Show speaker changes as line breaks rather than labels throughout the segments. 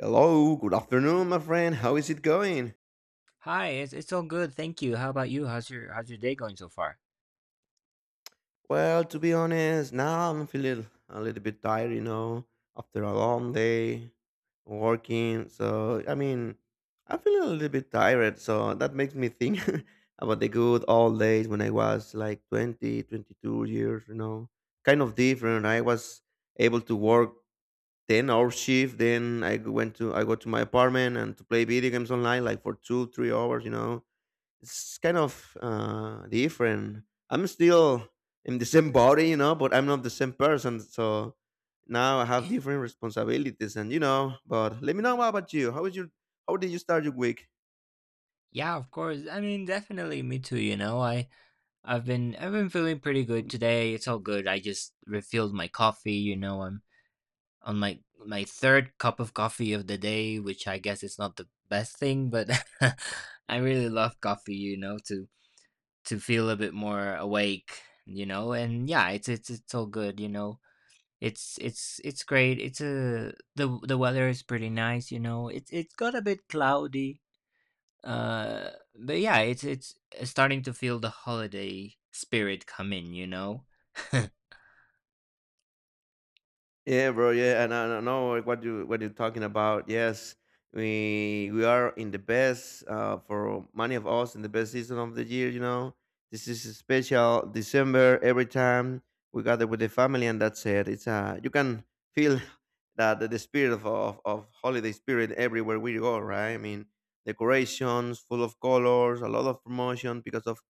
Hello, good afternoon, my friend. How is it going?
Hi, it's all good, thank you. How about you? How's your day going so far?
Well, to be honest, now I'm feeling a little bit tired, after a long day working. So, I mean, I'm feeling a little bit tired. So, that makes me think about the good old days when I was like 20, 22 years, kind of different. I was able to work 10-hour shift. Then I go to my apartment and to play video games online like for two, 3 hours, it's kind of different. I'm still in the same body, but I'm not the same person. So now I have different responsibilities, and you know. But let me know what about you. How is your? How did you start your week?
Yeah, of course. I mean, definitely me too, I've been feeling pretty good today. It's all good. I just refilled my coffee, I'm on my third cup of coffee of the day, which I guess is not the best thing, but I really love coffee, to feel a bit more awake, And yeah, it's all good, It's great. It's a the weather is pretty nice, It's got a bit cloudy. Uh but yeah, it's starting to feel the holiday spirit come in.
Yeah, bro. Yeah, and I don't know what you're talking about. Yes, we are in the best for many of us in the best season of the year. This is a special December. Every time we gather with the family, and that's it. It's you can feel that the spirit of holiday spirit everywhere we go. Right? I mean, decorations full of colors, a lot of promotion because of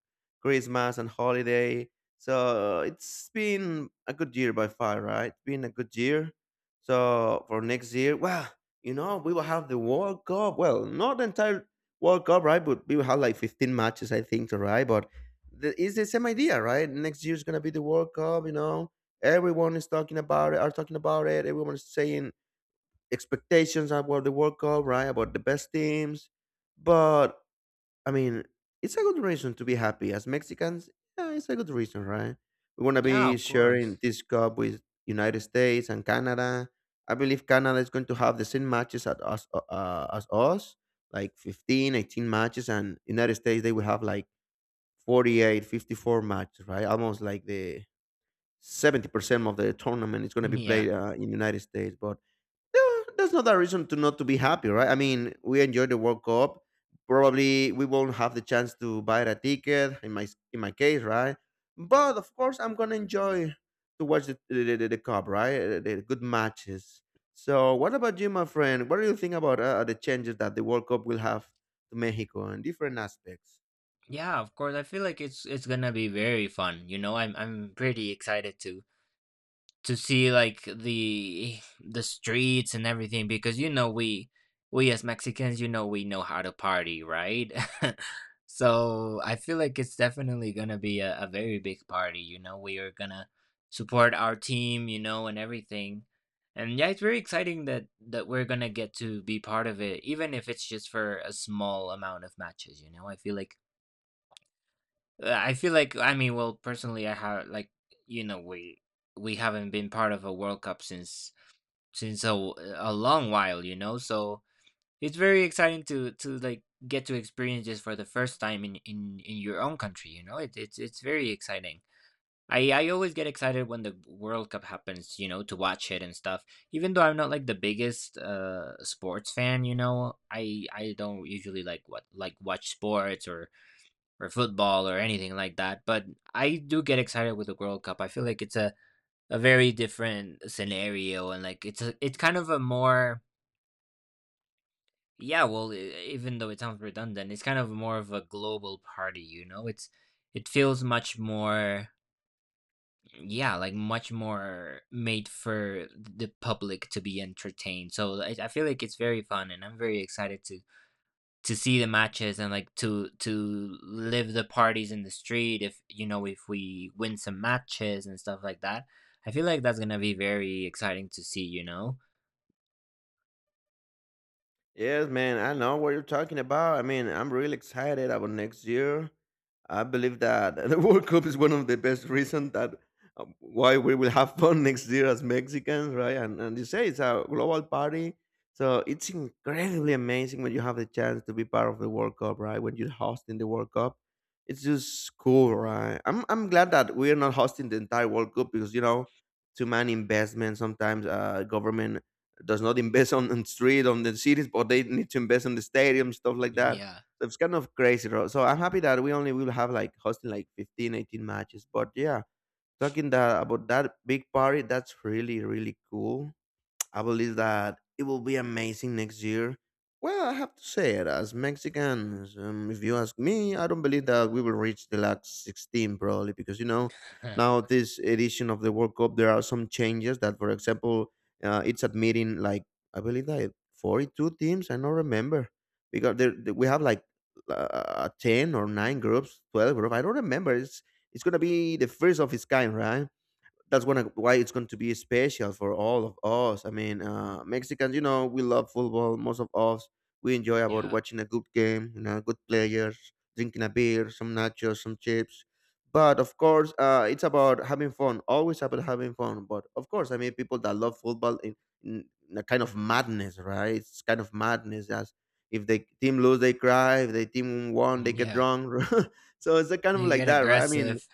Christmas and holiday, so it's been a good year by far, right? Been a good year. So for next year, well, we will have the World Cup. Well, not the entire World Cup, right? But we will have like 15 matches, I think, to right. But it's the same idea, right? Next year is gonna be the World Cup. Everyone is talking about it. Are talking about it. Everyone is saying expectations about the World Cup, right? About the best teams, but I mean, it's a good reason to be happy as Mexicans. Yeah, it's a good reason, right? We want to
Yeah,
be
of
sharing
course.
this cup with United States and Canada. I believe Canada is going to have the same matches at us as us, like 15, 18 matches, and United States they will have like 48, 54 matches, right? Almost like the 70% of the tournament is going to be
Yeah.
played in United States. But yeah, that's not a reason to not to be happy, right? I mean, we enjoyed the World Cup. Probably we won't have the chance to buy a ticket in my case, right? But of course, I'm gonna enjoy to watch the cup, right? The good matches. So, what about you, my friend? What do you think about the changes that the World Cup will have to Mexico in different aspects?
Yeah, of course. I feel like it's gonna be very fun. You know, I'm pretty excited to see like the streets and everything, because we as Mexicans, we know how to party, right? So I feel like it's definitely gonna be a very big party. We are gonna support our team, and everything. And yeah, it's very exciting that we're gonna get to be part of it, even if it's just for a small amount of matches, you know. I feel like I mean, well, personally, I have like, you know, we haven't been part of a World Cup since a long while, you know. So it's very exciting to like get to experience this for the first time in your own country. You know, it's very exciting. I always get excited when the World Cup happens, you know, to watch it and stuff. Even though I'm not like the biggest sports fan, you know, I don't usually like what like watch sports or football or anything like that. But I do get excited with the World Cup. I feel like it's a very different scenario, and like it's kind of a more, even though it sounds redundant, it's kind of more of a global party, you know? It feels much more made for the public to be entertained. So I feel like it's very fun, and I'm very excited to see the matches, and like to live the parties in the street, if you know if we win some matches and stuff like that. I feel like that's gonna be very exciting to see, you know.
Yes, man, I know what you're talking about. I mean, I'm really excited about next year. I believe that the World Cup is one of the best reasons that why we will have fun next year as Mexicans, right? And you say it's a global party, so it's incredibly amazing when you have the chance to be part of the World Cup, right? When you're hosting the World Cup, it's just cool, right? I'm glad that we are not hosting the entire World Cup because too many investments sometimes government does not invest on the street on the cities, but they need to invest on the stadium stuff like that.
Yeah.
So it's kind of crazy. So I'm happy that we only will have like hosting like 15, 18 matches. But yeah, talking that about that big party, that's really really cool. I believe that it will be amazing next year. Well, I have to say it as Mexicans. If you ask me, I don't believe that we will reach the last 16 probably because now this edition of the World Cup there are some changes that, for example, it's admitting like I believe that 42 teams. I don't remember because we have like 10 or nine groups, 12 groups. I don't remember. It's gonna be the first of its kind, right? That's gonna why it's going to be special for all of us. I mean, Mexicans, we love football. Most of us we enjoy about
Yeah.
watching a good game, good players, drinking a beer, some nachos, some chips. But of course, it's about having fun. Always about having fun. But of course, I mean, people that love football in a kind of madness, right? It's kind of madness. As if the team lose, they cry. If the team won,
Mm,
they get
yeah,
drunk. So it's a kind of
you
like
get
that, right? I mean,
aggressive.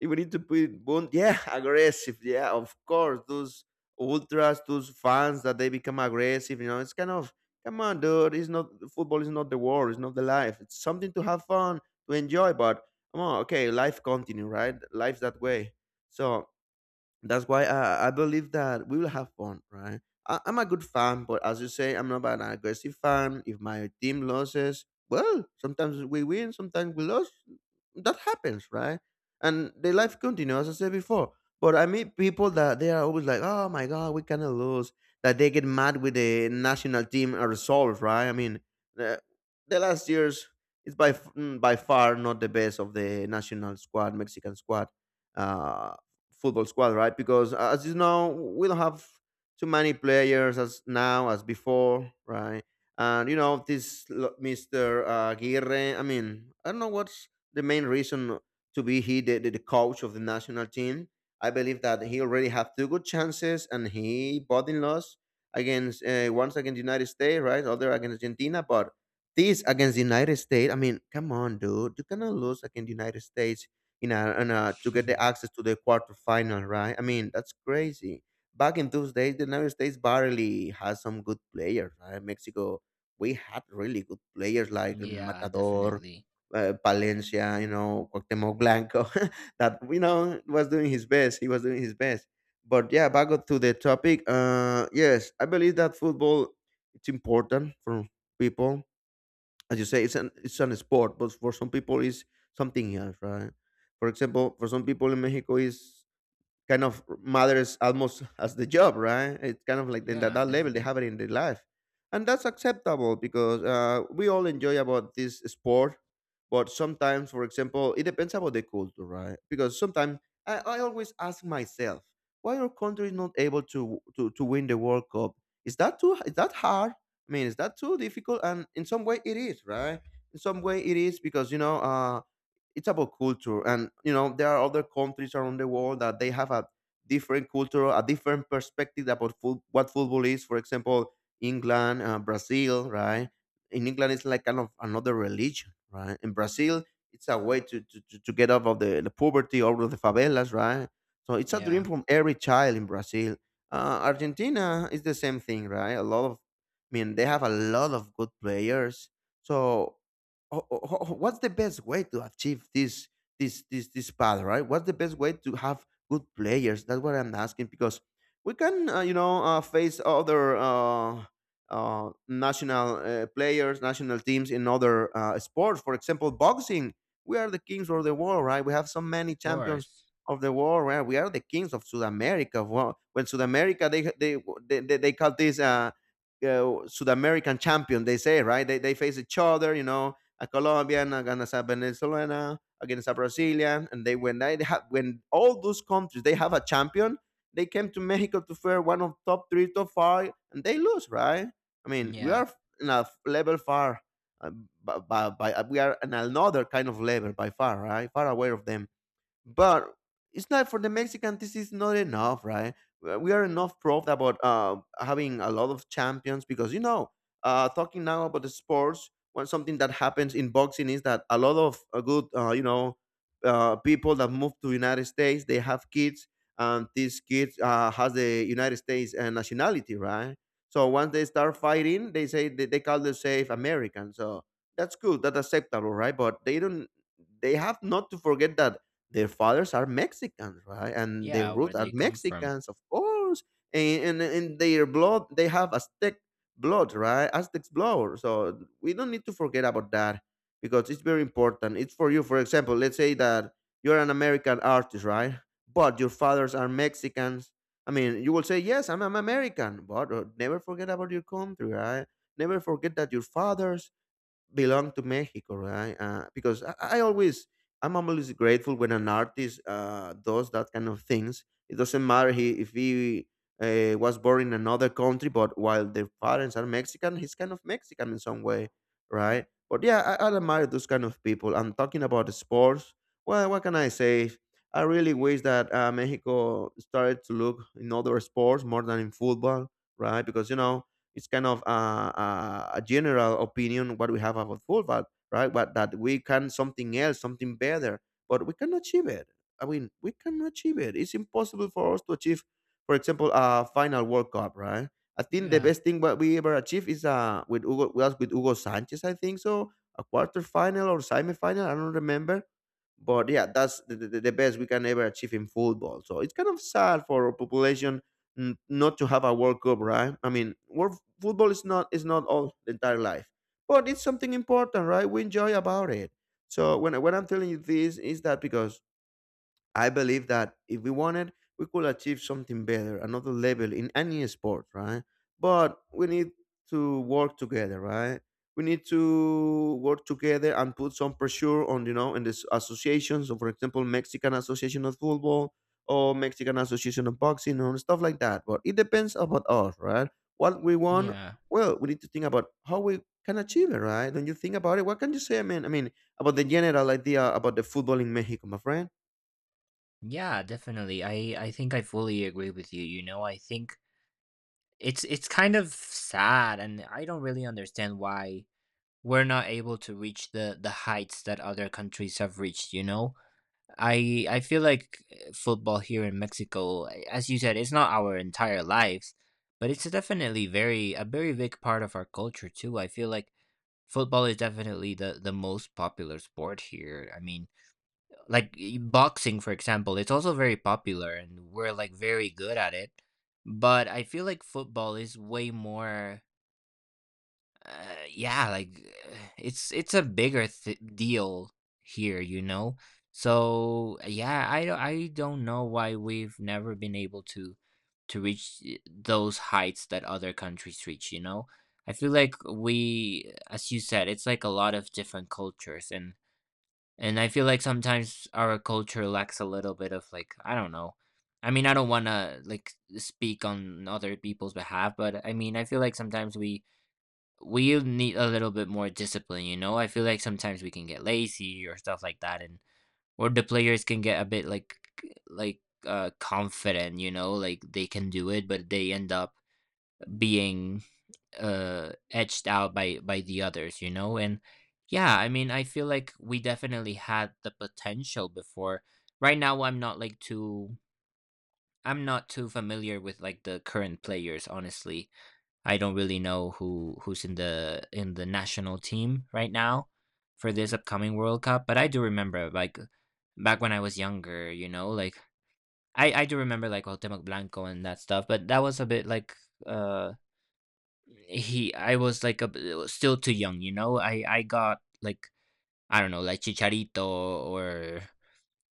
if we need to put it yeah aggressive, yeah, of course those ultras, those fans that they become aggressive, it's kind of come on, dude, it's not football, is not the war, it's not the life, it's something to have fun to enjoy. But come on. Okay, life continue, right? Life's that way. So that's why I believe that we will have fun, right? I'm a good fan, but as you say, I'm not an aggressive fan. If my team loses, well, sometimes we win, sometimes we lose. That happens, right? And the life continues, as I said before. But I meet people that they are always like, oh my God, we cannot lose. That they get mad with the national team result, right? I mean, the, the last years is by far not the best of the national squad, Mexican squad. uh Football squad, right? Because as you know, we don't have too many players as now as before, right? And you know Mr. Aguirre. I mean, I don't know what's the main reason to be the coach of the national team. I believe that he already had two good chances, and he bought in loss against once against United States, right? Other against Argentina, but this against the United States. I mean, come on, dude, you cannot lose against the United States in a to get the access to the quarterfinal, right? I mean, that's crazy. Back in those days, the United States barely had some good players. Right? Mexico, we had really good players like
Yeah,
Matador,
definitely.
Palencia, Cuauhtemoc Blanco, that was doing his best. He was doing his best. But yeah, back up to the topic. Yes, I believe that football it's important for people, as you say. It's an sport, but for some people, it's something else, right? For example, for some people in Mexico, is kind of matters almost as the job, right? It's kind of like then that,
Yeah,
that level they
definitely.
have it in their life, and that's acceptable because we all enjoy about this sport. But sometimes, for example, it depends about the culture, right? Because sometimes I always ask myself, why our country is not able to win the World Cup? Is that hard? I mean, is that too difficult? And in some way, it is, right? In some way, it is because you know. It's about culture, and there are other countries around the world that they have a different culture, a different perspective about what football is, for example, England, Brazil, right? In England, it's like kind of another religion, right? In Brazil, it's a way to get out of the poverty, out of the favelas, right? So it's a
Yeah,
dream from
of
every child in Brazil. Argentina is the same thing, right? A lot of, I mean, they have a lot of good players. So what's the best way to achieve this path, right? What's the best way to have good players? That's what I'm asking because we can face other national players, national teams in other sports, for example boxing. We are the kings of the world, right? We have so many champions
course.
of the world, right? We are the kings of South America. Well, when South America, they call this South American champion, they say, right? They face each other, a Colombian, against a Venezuelan, against a Brazilian, and they when they have when all those countries they have a champion, they came to Mexico to fair one of top three, top five, and they lose, right? I mean, we
Yeah.
are in a level far, uh, we are in another kind of level by far, right? Far away of them. But it's not for the Mexican. This is not enough, right? We are enough proof about having a lot of champions because talking now about the sports. One something that happens in boxing is that a lot of good, people that move to United States they have kids, and these kids has the United States nationality, right? So once they start fighting, they say they call themselves American. So that's good, that's acceptable, right? But they don't. They have not to forget that their fathers are Mexicans, right? And their
Yeah, where
roots are
they come from.
Mexicans, of course. And in their blood, they have Aztec blood, right? Aztec's blood. So we don't need to forget about that because it's very important. It's for you. For example, let's say that you're an American artist, right? But your fathers are Mexicans. I mean, you will say, yes, I'm American, but never forget about your country, right? Never forget that your fathers belong to Mexico, right? Because I always, I'm always grateful when an artist does that kind of things. It doesn't matter if he was born in another country, but while their parents are Mexican, he's kind of Mexican in some way, right? But yeah, I admire those kind of people. And talking about sports, well, what can I say? I really wish that Mexico started to look in other sports more than in football, right? Because you know it's kind of a general opinion what we have about football, right? But that we can something else, something better, but we can achieve it. I mean, we can achieve it. It's impossible for us to achieve, for example, a final World Cup, right? I think the
Yeah.
best thing what we ever achieved is with Hugo was with Hugo Sanchez, I think so, a quarter final or semi final, I don't remember. But yeah, that's the best we can ever achieve in football. So it's kind of sad for our population not to have a World Cup, right? I mean, world, football is not all the entire life, but it's something important, right? We enjoy about it. So when I'm telling you this, is that because I believe that if we wanted, we could achieve something better, another level in any sport, right? But we need to work together, right? We need to work together and put some pressure on, you know, in these associations. So, for example, Mexican Association of Football or Mexican Association of Boxing and stuff like that. But it depends about us, right? What we want,
Yeah.
well, we need to think about how we can achieve it, right? Don't you think about it, what can you say? I mean, about the general idea about the football in Mexico, my friend?
Yeah, definitely. I think I fully agree with you, you know. I think it's kind of sad, and I don't really understand why we're not able to reach the heights that other countries have reached, you know? I feel like football here in Mexico, as you said, it's not our entire lives, but it's definitely very a very big part of our culture too. I feel like football is definitely the most popular sport here. I mean, like boxing, for example, it's also very popular, and we're like very good at it, but I feel like football is way more, uh, yeah like uh, it's a bigger deal here, you know. So yeah, I don't know why we've never been able to reach those heights that other countries reach, you know. I feel like we, as you said, it's like a lot of different cultures, and I feel like sometimes our culture lacks a little bit of, like, I don't know. I mean, I don't want to like speak on other people's behalf, but I mean, I feel like sometimes we need a little bit more discipline, you know. I feel like sometimes we can get lazy or stuff like that, and or the players can get a bit like, like confident, you know, like they can do it, but they end up being edged out by the others, you know. And yeah, I mean, I feel like we definitely had the potential before. Right now, I'm not too familiar with like the current players, honestly. I don't really know who's in the national team right now for this upcoming World Cup. But I do remember, like, back when I was younger, you know, like I do remember, like, Cuauhtémoc Blanco and that stuff, but that was a bit like uh he I was like a still too young, you know. I got like, I don't know, like, Chicharito or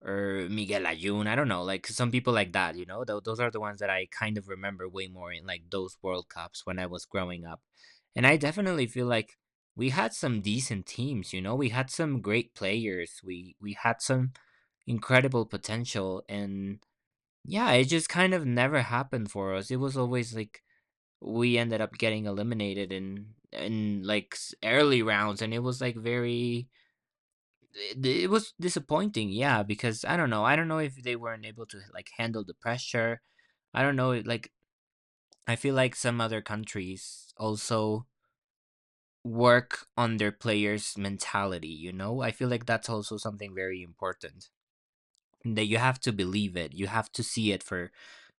Miguel Ayun. I don't know, like some people like that, you know. Those are the ones that I kind of remember way more in like those World Cups when I was growing up. And I definitely feel like we had some decent teams, you know. We had some great players. We had some incredible potential, and yeah, it just kind of never happened for us. It was always like we ended up getting eliminated in like early rounds, and it was like very. It was disappointing, yeah, because I don't know. I don't know if they weren't able to like handle the pressure. I don't know, like, I feel like some other countries also work on their players' mentality, you know. I feel like that's also something very important, that you have to believe it, you have to see it for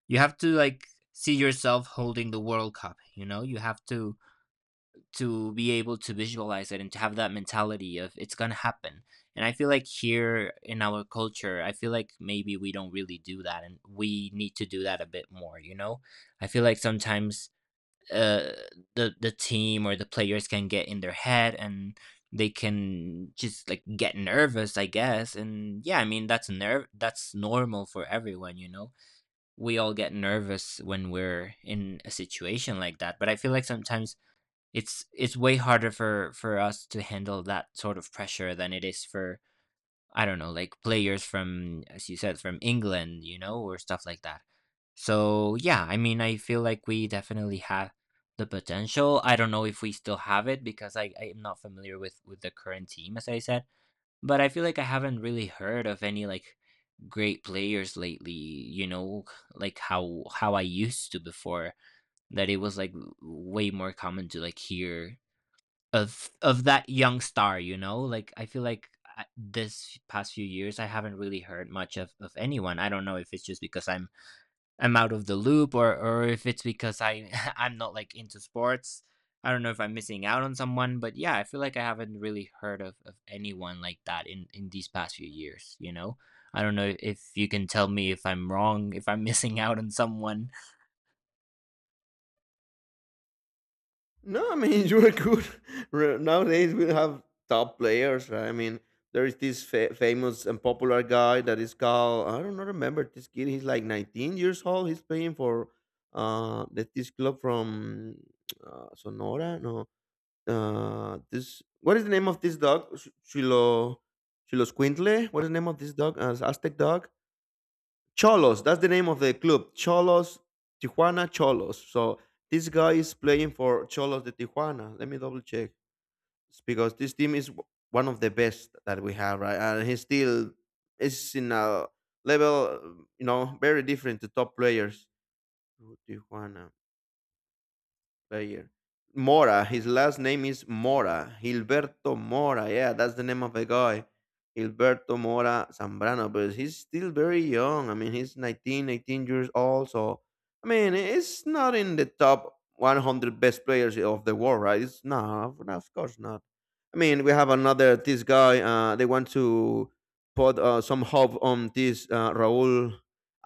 you have to like see yourself holding the World Cup, you know. You have to be able to visualize it and to have that mentality of it's going to happen. And I feel like here in our culture, I feel like maybe we don't really do that, and we need to do that a bit more, you know. I feel like sometimes uh the team or the players can get in their head, and they can just like get nervous, I guess. And yeah, I mean, that's normal for everyone, you know. We all get nervous when we're in a situation like that, but I feel like sometimes it's way harder for us to handle that sort of pressure than it is for, I don't know, like, players from, as you said, from England, you know, or stuff like that. So yeah, I mean, I feel like we definitely have the potential. I don't know if we still have it, because I am not familiar with the current team, as I said. But I feel like I haven't really heard of any like great players lately, you know, like how I used to before, that it was like way more common to like hear of that young star, you know. Like I feel like this past few years I haven't really heard much of, anyone. I don't know if it's just because I'm out of the loop, or if it's because I I'm not like into sports. I don't know if I'm missing out on someone, but yeah, I feel like I haven't really heard of, anyone like that in, these past few years, you know. I don't know if you can tell me if I'm wrong, if I'm missing out on someone.
No, I mean you are good. Nowadays we have top players, right? I mean there is this famous and popular guy that is called I don't know, remember this kid. He's like 19 years old. He's playing for that this club from Sonora. No, this what is the name of this dog? Chilo Squintle. What is the name of this dog? Aztec dog. Cholos. That's the name of the club. Cholos, Tijuana Cholos. So this guy is playing for Cholos de Tijuana. Let me double check. It's because this team is one of the best that we have, right? And he still is in a level, you know, very different to top players. Tijuana player. Mora, his last name is Mora. Gilberto Mora. Yeah, that's the name of the guy. Gilberto Mora Zambrano, but he's still very young. I mean, he's 19, 18 years old. So, I mean, it's not in the top 100 best players of the world, right? It's not, of course not. I mean, we have another this guy. They want to put some hope on this Raúl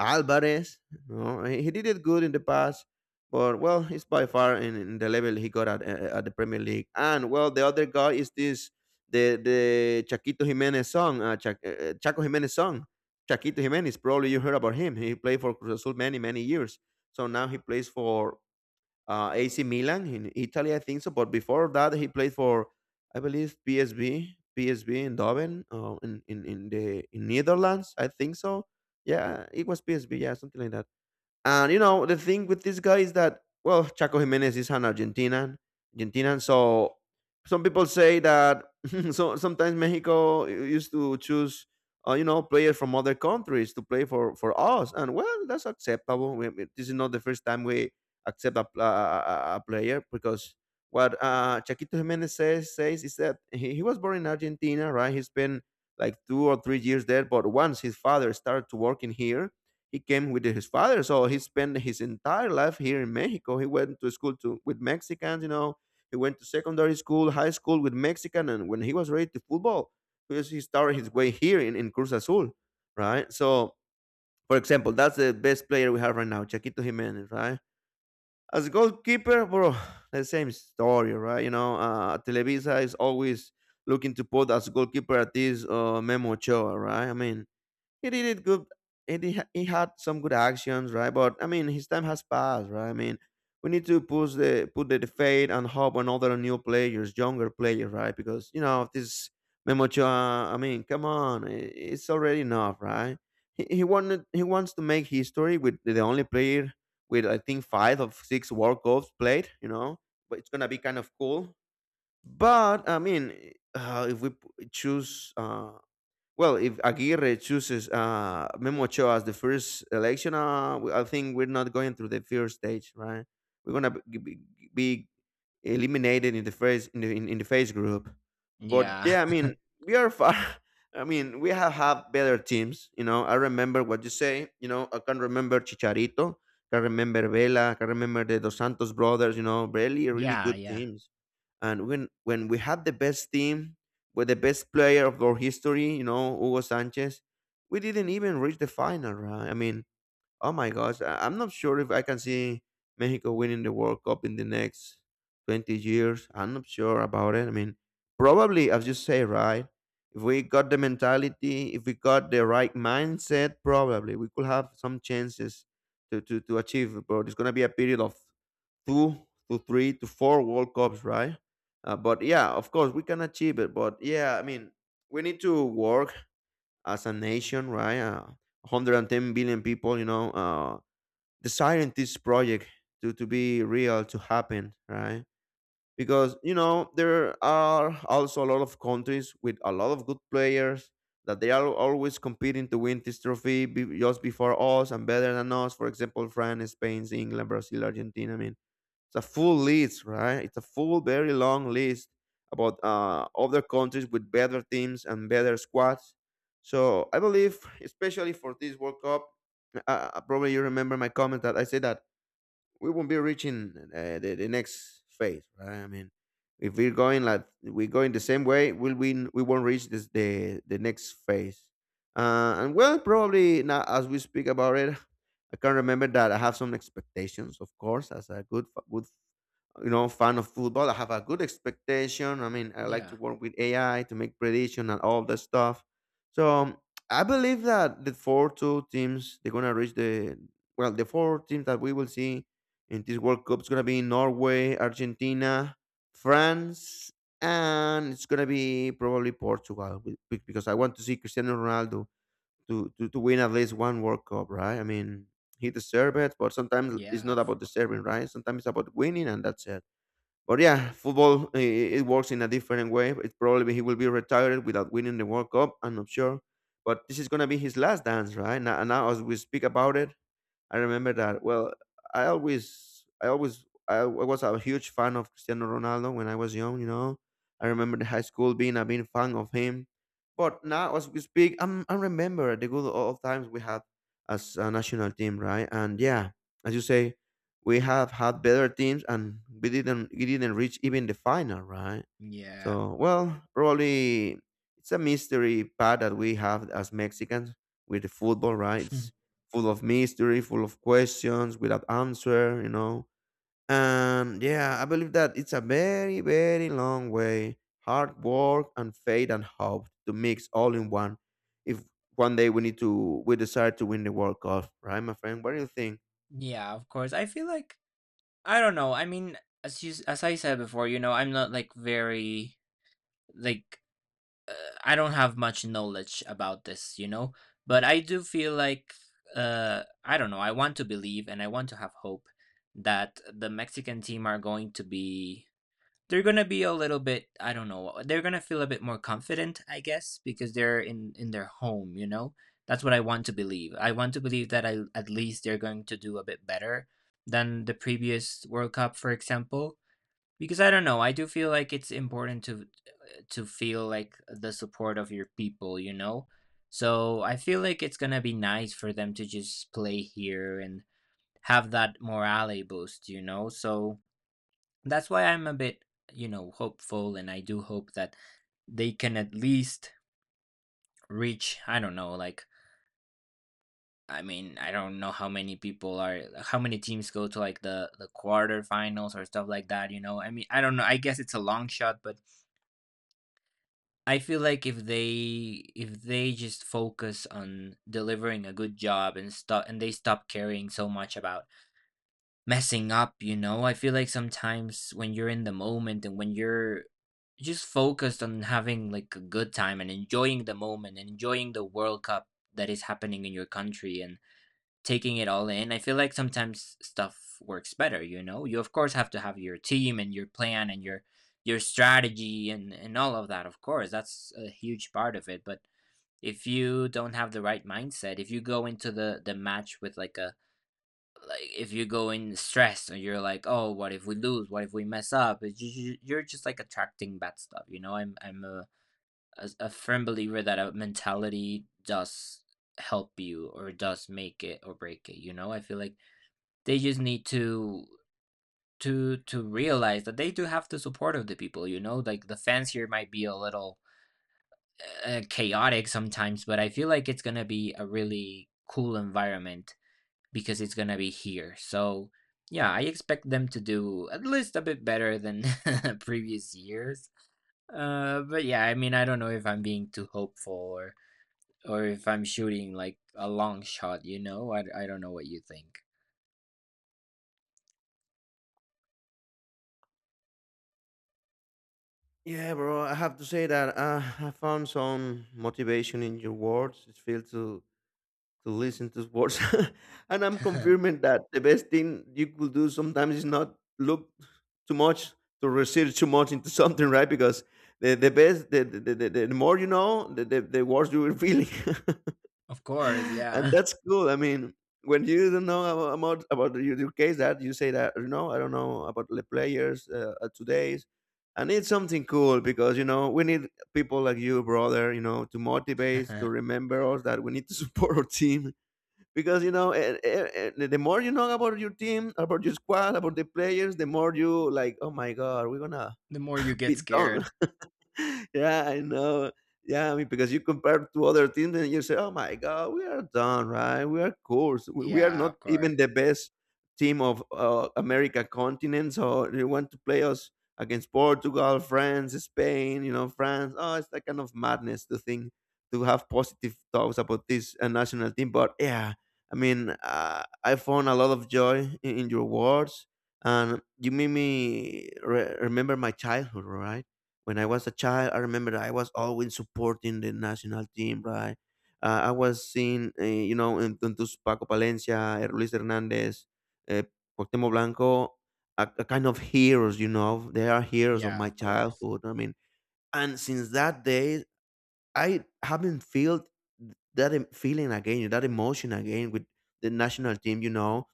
Alvarez. You know, he did it good in the past, but well, he's by far in the level he got at the Premier League. And well, the other guy is this the Chaquito Jimenez song, Cha- Chaco Jimenez song. Chaquito Jimenez, probably you heard about him. He played for Cruz Azul many many years. So now he plays for AC Milan in Italy, I think so. But before that, he played for, I believe, PSV in Doven, in Netherlands, I think so. Yeah, it was PSV. Yeah, something like that. And you know, the thing with this guy is that well, Chaco Jimenez is an Argentinian. So some people say that so sometimes Mexico used to choose you know players from other countries to play for us, and well, that's acceptable. This is not the first time we accept a, pl- a player because what Chaquito Jimenez says is that he was born in Argentina, right? He spent like 2 or 3 years there, but once his father started to work in here he came with his father so he spent his entire life here in Mexico. He went to school to with Mexicans, you know, he went to secondary school, high school with Mexican. And when he was ready to football, because he started his way here in Cruz Azul, right? So for example, that's the best player we have right now, Chaquito Jimenez, right? As a goalkeeper, bro, the same story, right? You know, Televisa is always looking to put as goalkeeper at this Memo Ochoa, right? I mean he did it good, and he had some good actions, right? But I mean, his time has passed, right? I mean, we need to push the put the fate and hope on other new players, younger players, right? Because you know this Memocha, I mean, come on, it's already enough, right? He, he wanted he wants to make history with the only player with I think five of six World Cups played, you know, but it's gonna be kind of cool. But I mean, if we p- choose well, if Aguirre chooses Memo Ochoa as the first election, I think we're not going through the first stage, right? We're gonna be eliminated in the first in the face group. But
Yeah.
yeah, I mean, we are far. I mean, we have had better teams. You know, I remember what you say. You know, I can remember Chicharito. I can remember Vela. I can remember the Dos Santos brothers. You know, really, really
Yeah,
good
yeah.
teams. And when we had the best team with the best player of our history, you know, Hugo Sanchez, we didn't even reach the final, right? I mean, oh my gosh, I'm not sure if I can see Mexico winning the World Cup in the next 20 years. I'm not sure about it. I mean, probably, as you say, right? If we got the mentality, if we got the right mindset, probably we could have some chances to achieve it. But it's going to be a period of two to three to four World Cups, right? But yeah, of course, we can achieve it. But yeah, I mean, we need to work as a nation, right? 110 billion people, you know, the scientists project to be real to happen, right? Because you know there are also a lot of countries with a lot of good players that they are always competing to win this trophy, just before us and better than us, for example France, Spain, England, Brazil, Argentina. I mean, it's a full list, right? It's a full, very long list about other countries with better teams and better squads. So I believe especially for this World Cup, probably you remember my comment that I said that we won't be reaching the next phase, right? I mean, if we're going like we're going the same way, will we? We won't reach the next phase. And well, probably now as we speak about it, I can remember that I have some expectations, of course, as a good fan of football. I have a good expectation. I mean, I like
Yeah.
to work with ai to make prediction and all that stuff. So I believe that the four two teams they're gonna reach the, well, the four teams that we will see in this world cup is gonna be norway, argentina, france, and it's gonna be probably portugal because I want to see cristiano ronaldo to win at least one world cup, right? I mean, he deserves it, but sometimes it's
Yeah,
not about deserving, right? Sometimes it's about winning, and that's it. But yeah, football it works in a different way. It's probably he will be retired without winning the World Cup. I'm not sure, but this is gonna be his last dance, right? Now as we speak about it, I remember that. Well, I always, was a huge fan of Cristiano Ronaldo when I was young. You know, I remember the high school being a big fan of him. But now, as we speak, I remember the good old times we had as a national team, right? And yeah, as you say, we have had better teams, and we didn't reach even the final, right?
yeah.
So, well, probably it's a mystery part that we have as Mexicans with the football, right? Full of mystery, full of questions without answer, you know. And yeah, I believe that it's a very, very long way, hard work and faith and hope to mix all in one. If one day we decide to win the World Cup, right, my friend? What do you think?
Yeah, of course. I feel like I don't know. I mean, as you as I said before, you know, I'm not like very, like, uh, I don't have much knowledge about this, you know. But I do feel like I don't know. I want to believe, and I want to have hope that the Mexican team are going to be, they're going to be a little bit I don't know, they're going to feel a bit more confident, I guess, because they're in their home, you know. That's what I want to believe. I want to believe that at least they're going to do a bit better than the previous World Cup, for example. Because I don't know, I do feel like it's important to feel like the support of your people, you know. So I feel like it's going to be nice for them to just play here and have that morale boost, you know. So that's why I'm a bit, you know, hopeful, and I do hope that they can at least reach. I don't know, like, I mean, I don't know how many people are, how many teams go to like the quarterfinals or stuff like that. You know, I mean, I don't know. I guess it's a long shot, but I feel like if they just focus on delivering a good job and stop and they stop caring so much about messing up, you know? I feel like sometimes when you're in the moment and when you're just focused on having like a good time and enjoying the moment and enjoying the World Cup that is happening in your country and taking it all in, I feel like sometimes stuff works better, you know? You of course have to have your team and your plan and your strategy and all of that, of course. That's a huge part of it, but if you don't have the right mindset, if you go into the match with like a like if you go in stressed and you're like, oh, what if we lose, what if we mess up, it's just, you're just like attracting bad stuff, you know? I'm a, a firm believer that a mentality does help you or does make it or break it, you know? I feel like they just need to to realize that they do have the support of the people, you know, like the fans here might be a little chaotic sometimes, but I feel like it's going to be a really cool environment because it's gonna be here. So yeah, I expect them to do at least a bit better than previous years. But yeah, I mean, I don't know if I'm being too hopeful or if I'm shooting like a long shot. You know, I don't know what you think.
Yeah, bro. I have to say that I found some motivation in your words. It feels to listen to sports. And I'm confirming that the best thing you could do sometimes is not look too much, to research too much into something, right? Because the more you know, the worse you will feel.
Of course,
And
yeah.
that's cool. I mean, when you don't know about your case that you say that, you know, I don't know about the players, today's. And it's something cool because, you know, we need people like you, brother, you know, to motivate, to
The
remember us that we need to support our team. Because, you know, the more you know about your team, about your squad, about the players, the more you like, oh my god, we're gonna
more you
be
get
done.
scared.
Yeah, I know. Yeah, I mean, because you compare to other teams and you say, oh my God, we are done, right? We are coarse. We are
Yeah,
not
of course.
even the best team of America continent. So they want to play us against Portugal, France, Spain, you know, France. Oh, it's that kind of madness to think, to have positive thoughts about this national team. But yeah, I mean, I found a lot of joy in your words. And you made me remember my childhood, right? When I was a child, I remember I was always supporting the national team, right? I was seeing, you know, in those Paco Palencia, Luis Hernandez, uh, Cuauhtemoc Blanco, a kind of heroes, you know. They are heroes of
Yeah,
my
of course.
childhood. I mean, and since that day, I haven't felt that feeling again, that emotion again with the national team, you know.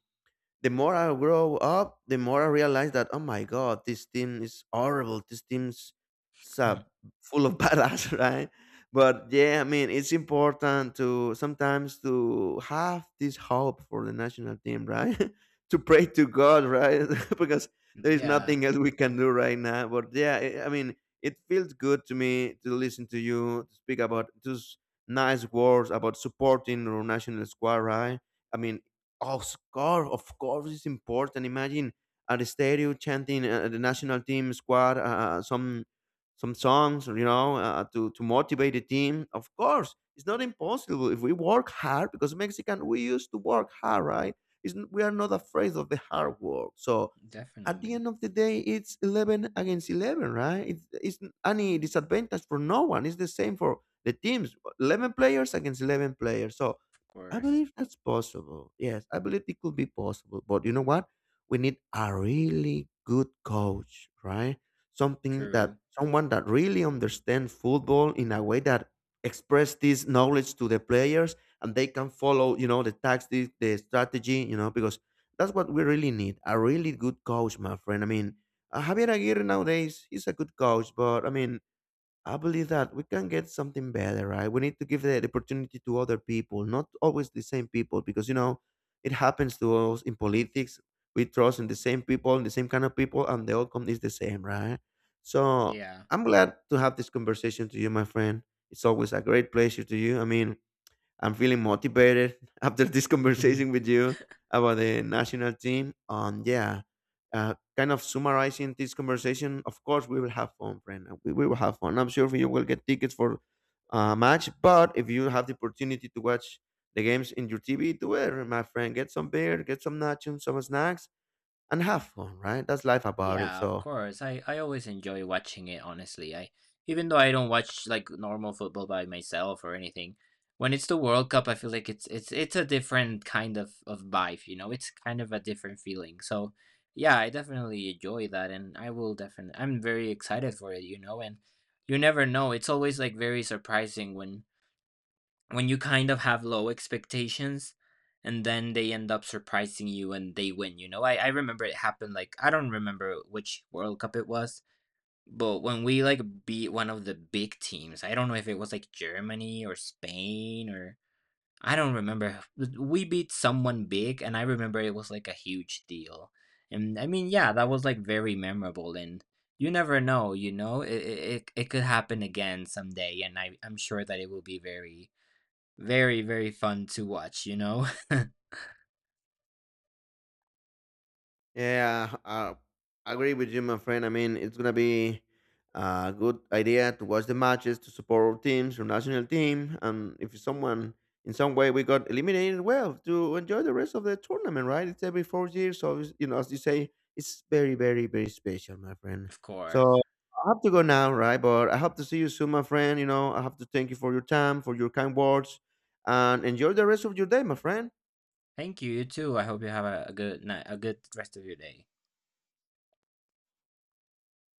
The more I grow up, the more I realize that, oh my god, this team is horrible. This team's sub,
Mm.
full of badass, right? But yeah, I mean, it's important to sometimes to have this hope for the national team, right? To pray to God, right? Because there is
Yeah,
nothing else we can do right now. But yeah, I mean, it feels good to me to listen to you, to speak about those nice words about supporting our national squad, right? I mean, of of course, it's important. Imagine at the stadium chanting the national team squad, some songs, you know, to motivate the team. Of course, it's not impossible if we work hard because Mexican we used to work hard, right? It's, we are not afraid of the hard work. So at the
definitely.
end of the day, it's 11 against 11, right? It's any disadvantage for no one. It's the same for the teams. 11 players against 11 players. So
Of
I
course.
believe that's possible. Yes, I believe it could be possible. But you know what? We need a really good coach, right? Something that
True.
someone that really understands football in a way that express this knowledge to the players and they can follow, you know, the tactics, the strategy, you know, because that's what we really need. A really good coach, my friend. I mean, Javier Aguirre nowadays, he's a good coach, but I mean, I believe that we can get something better, right? We need to give the opportunity to other people, not always the same people, because you know it happens to us in politics. We trust in the same people, in the same kind of people, and the outcome is the same, right? So
Yeah.
I'm glad to have this conversation to you, my friend. It's always a great pleasure to you. I mean, I'm feeling motivated after this
Mhm.
conversation with you about the national team. And yeah, kind of summarizing this conversation, of course, we will have fun, friend. We will have fun. I'm sure you will get tickets for a match. But if you have the opportunity to watch the games in your TV, do it, my friend. Get some beer, get some nachos, some snacks, and have fun, right? That's life about it.
Yeah, of
So
course. I always enjoy watching it, honestly. I even though I don't watch like normal football by myself or anything, when it's the World Cup, I feel like it's it's a different kind of vibe, you know? It's kind of a different feeling. So, yeah, I definitely enjoy that and I will definitely I'm very excited for it, you know, and you never know. It's always like very surprising when you kind of have low expectations and then they end up surprising you and they win, you know? I remember it happened like I don't remember which world cup it was, but when we like beat one of the big teams, I don't know if it was like Germany or Spain or I don't remember, we beat someone big and I remember it was like a huge deal. And I mean, yeah, that was like very memorable. And you never know, you know, it it could happen again someday. And I'm sure that it will be very very, very fun to watch, you know?
yeah, I agree with you, my friend. I mean, it's gonna be a good idea to watch the matches to support our teams, our national team, and if someone in some way we got eliminated, well, to enjoy the rest of the tournament, right? It's every 4 years, so it's- you know, as you say, it's very, very, very special, my friend.
Of
So
course.
I have to go now, right? But I hope to see you soon, my friend. You know, I have to thank you for your time, for your kind words, and enjoy the rest of your day, my friend.
Thank you, you too. I hope you have a good night, a good rest of your day.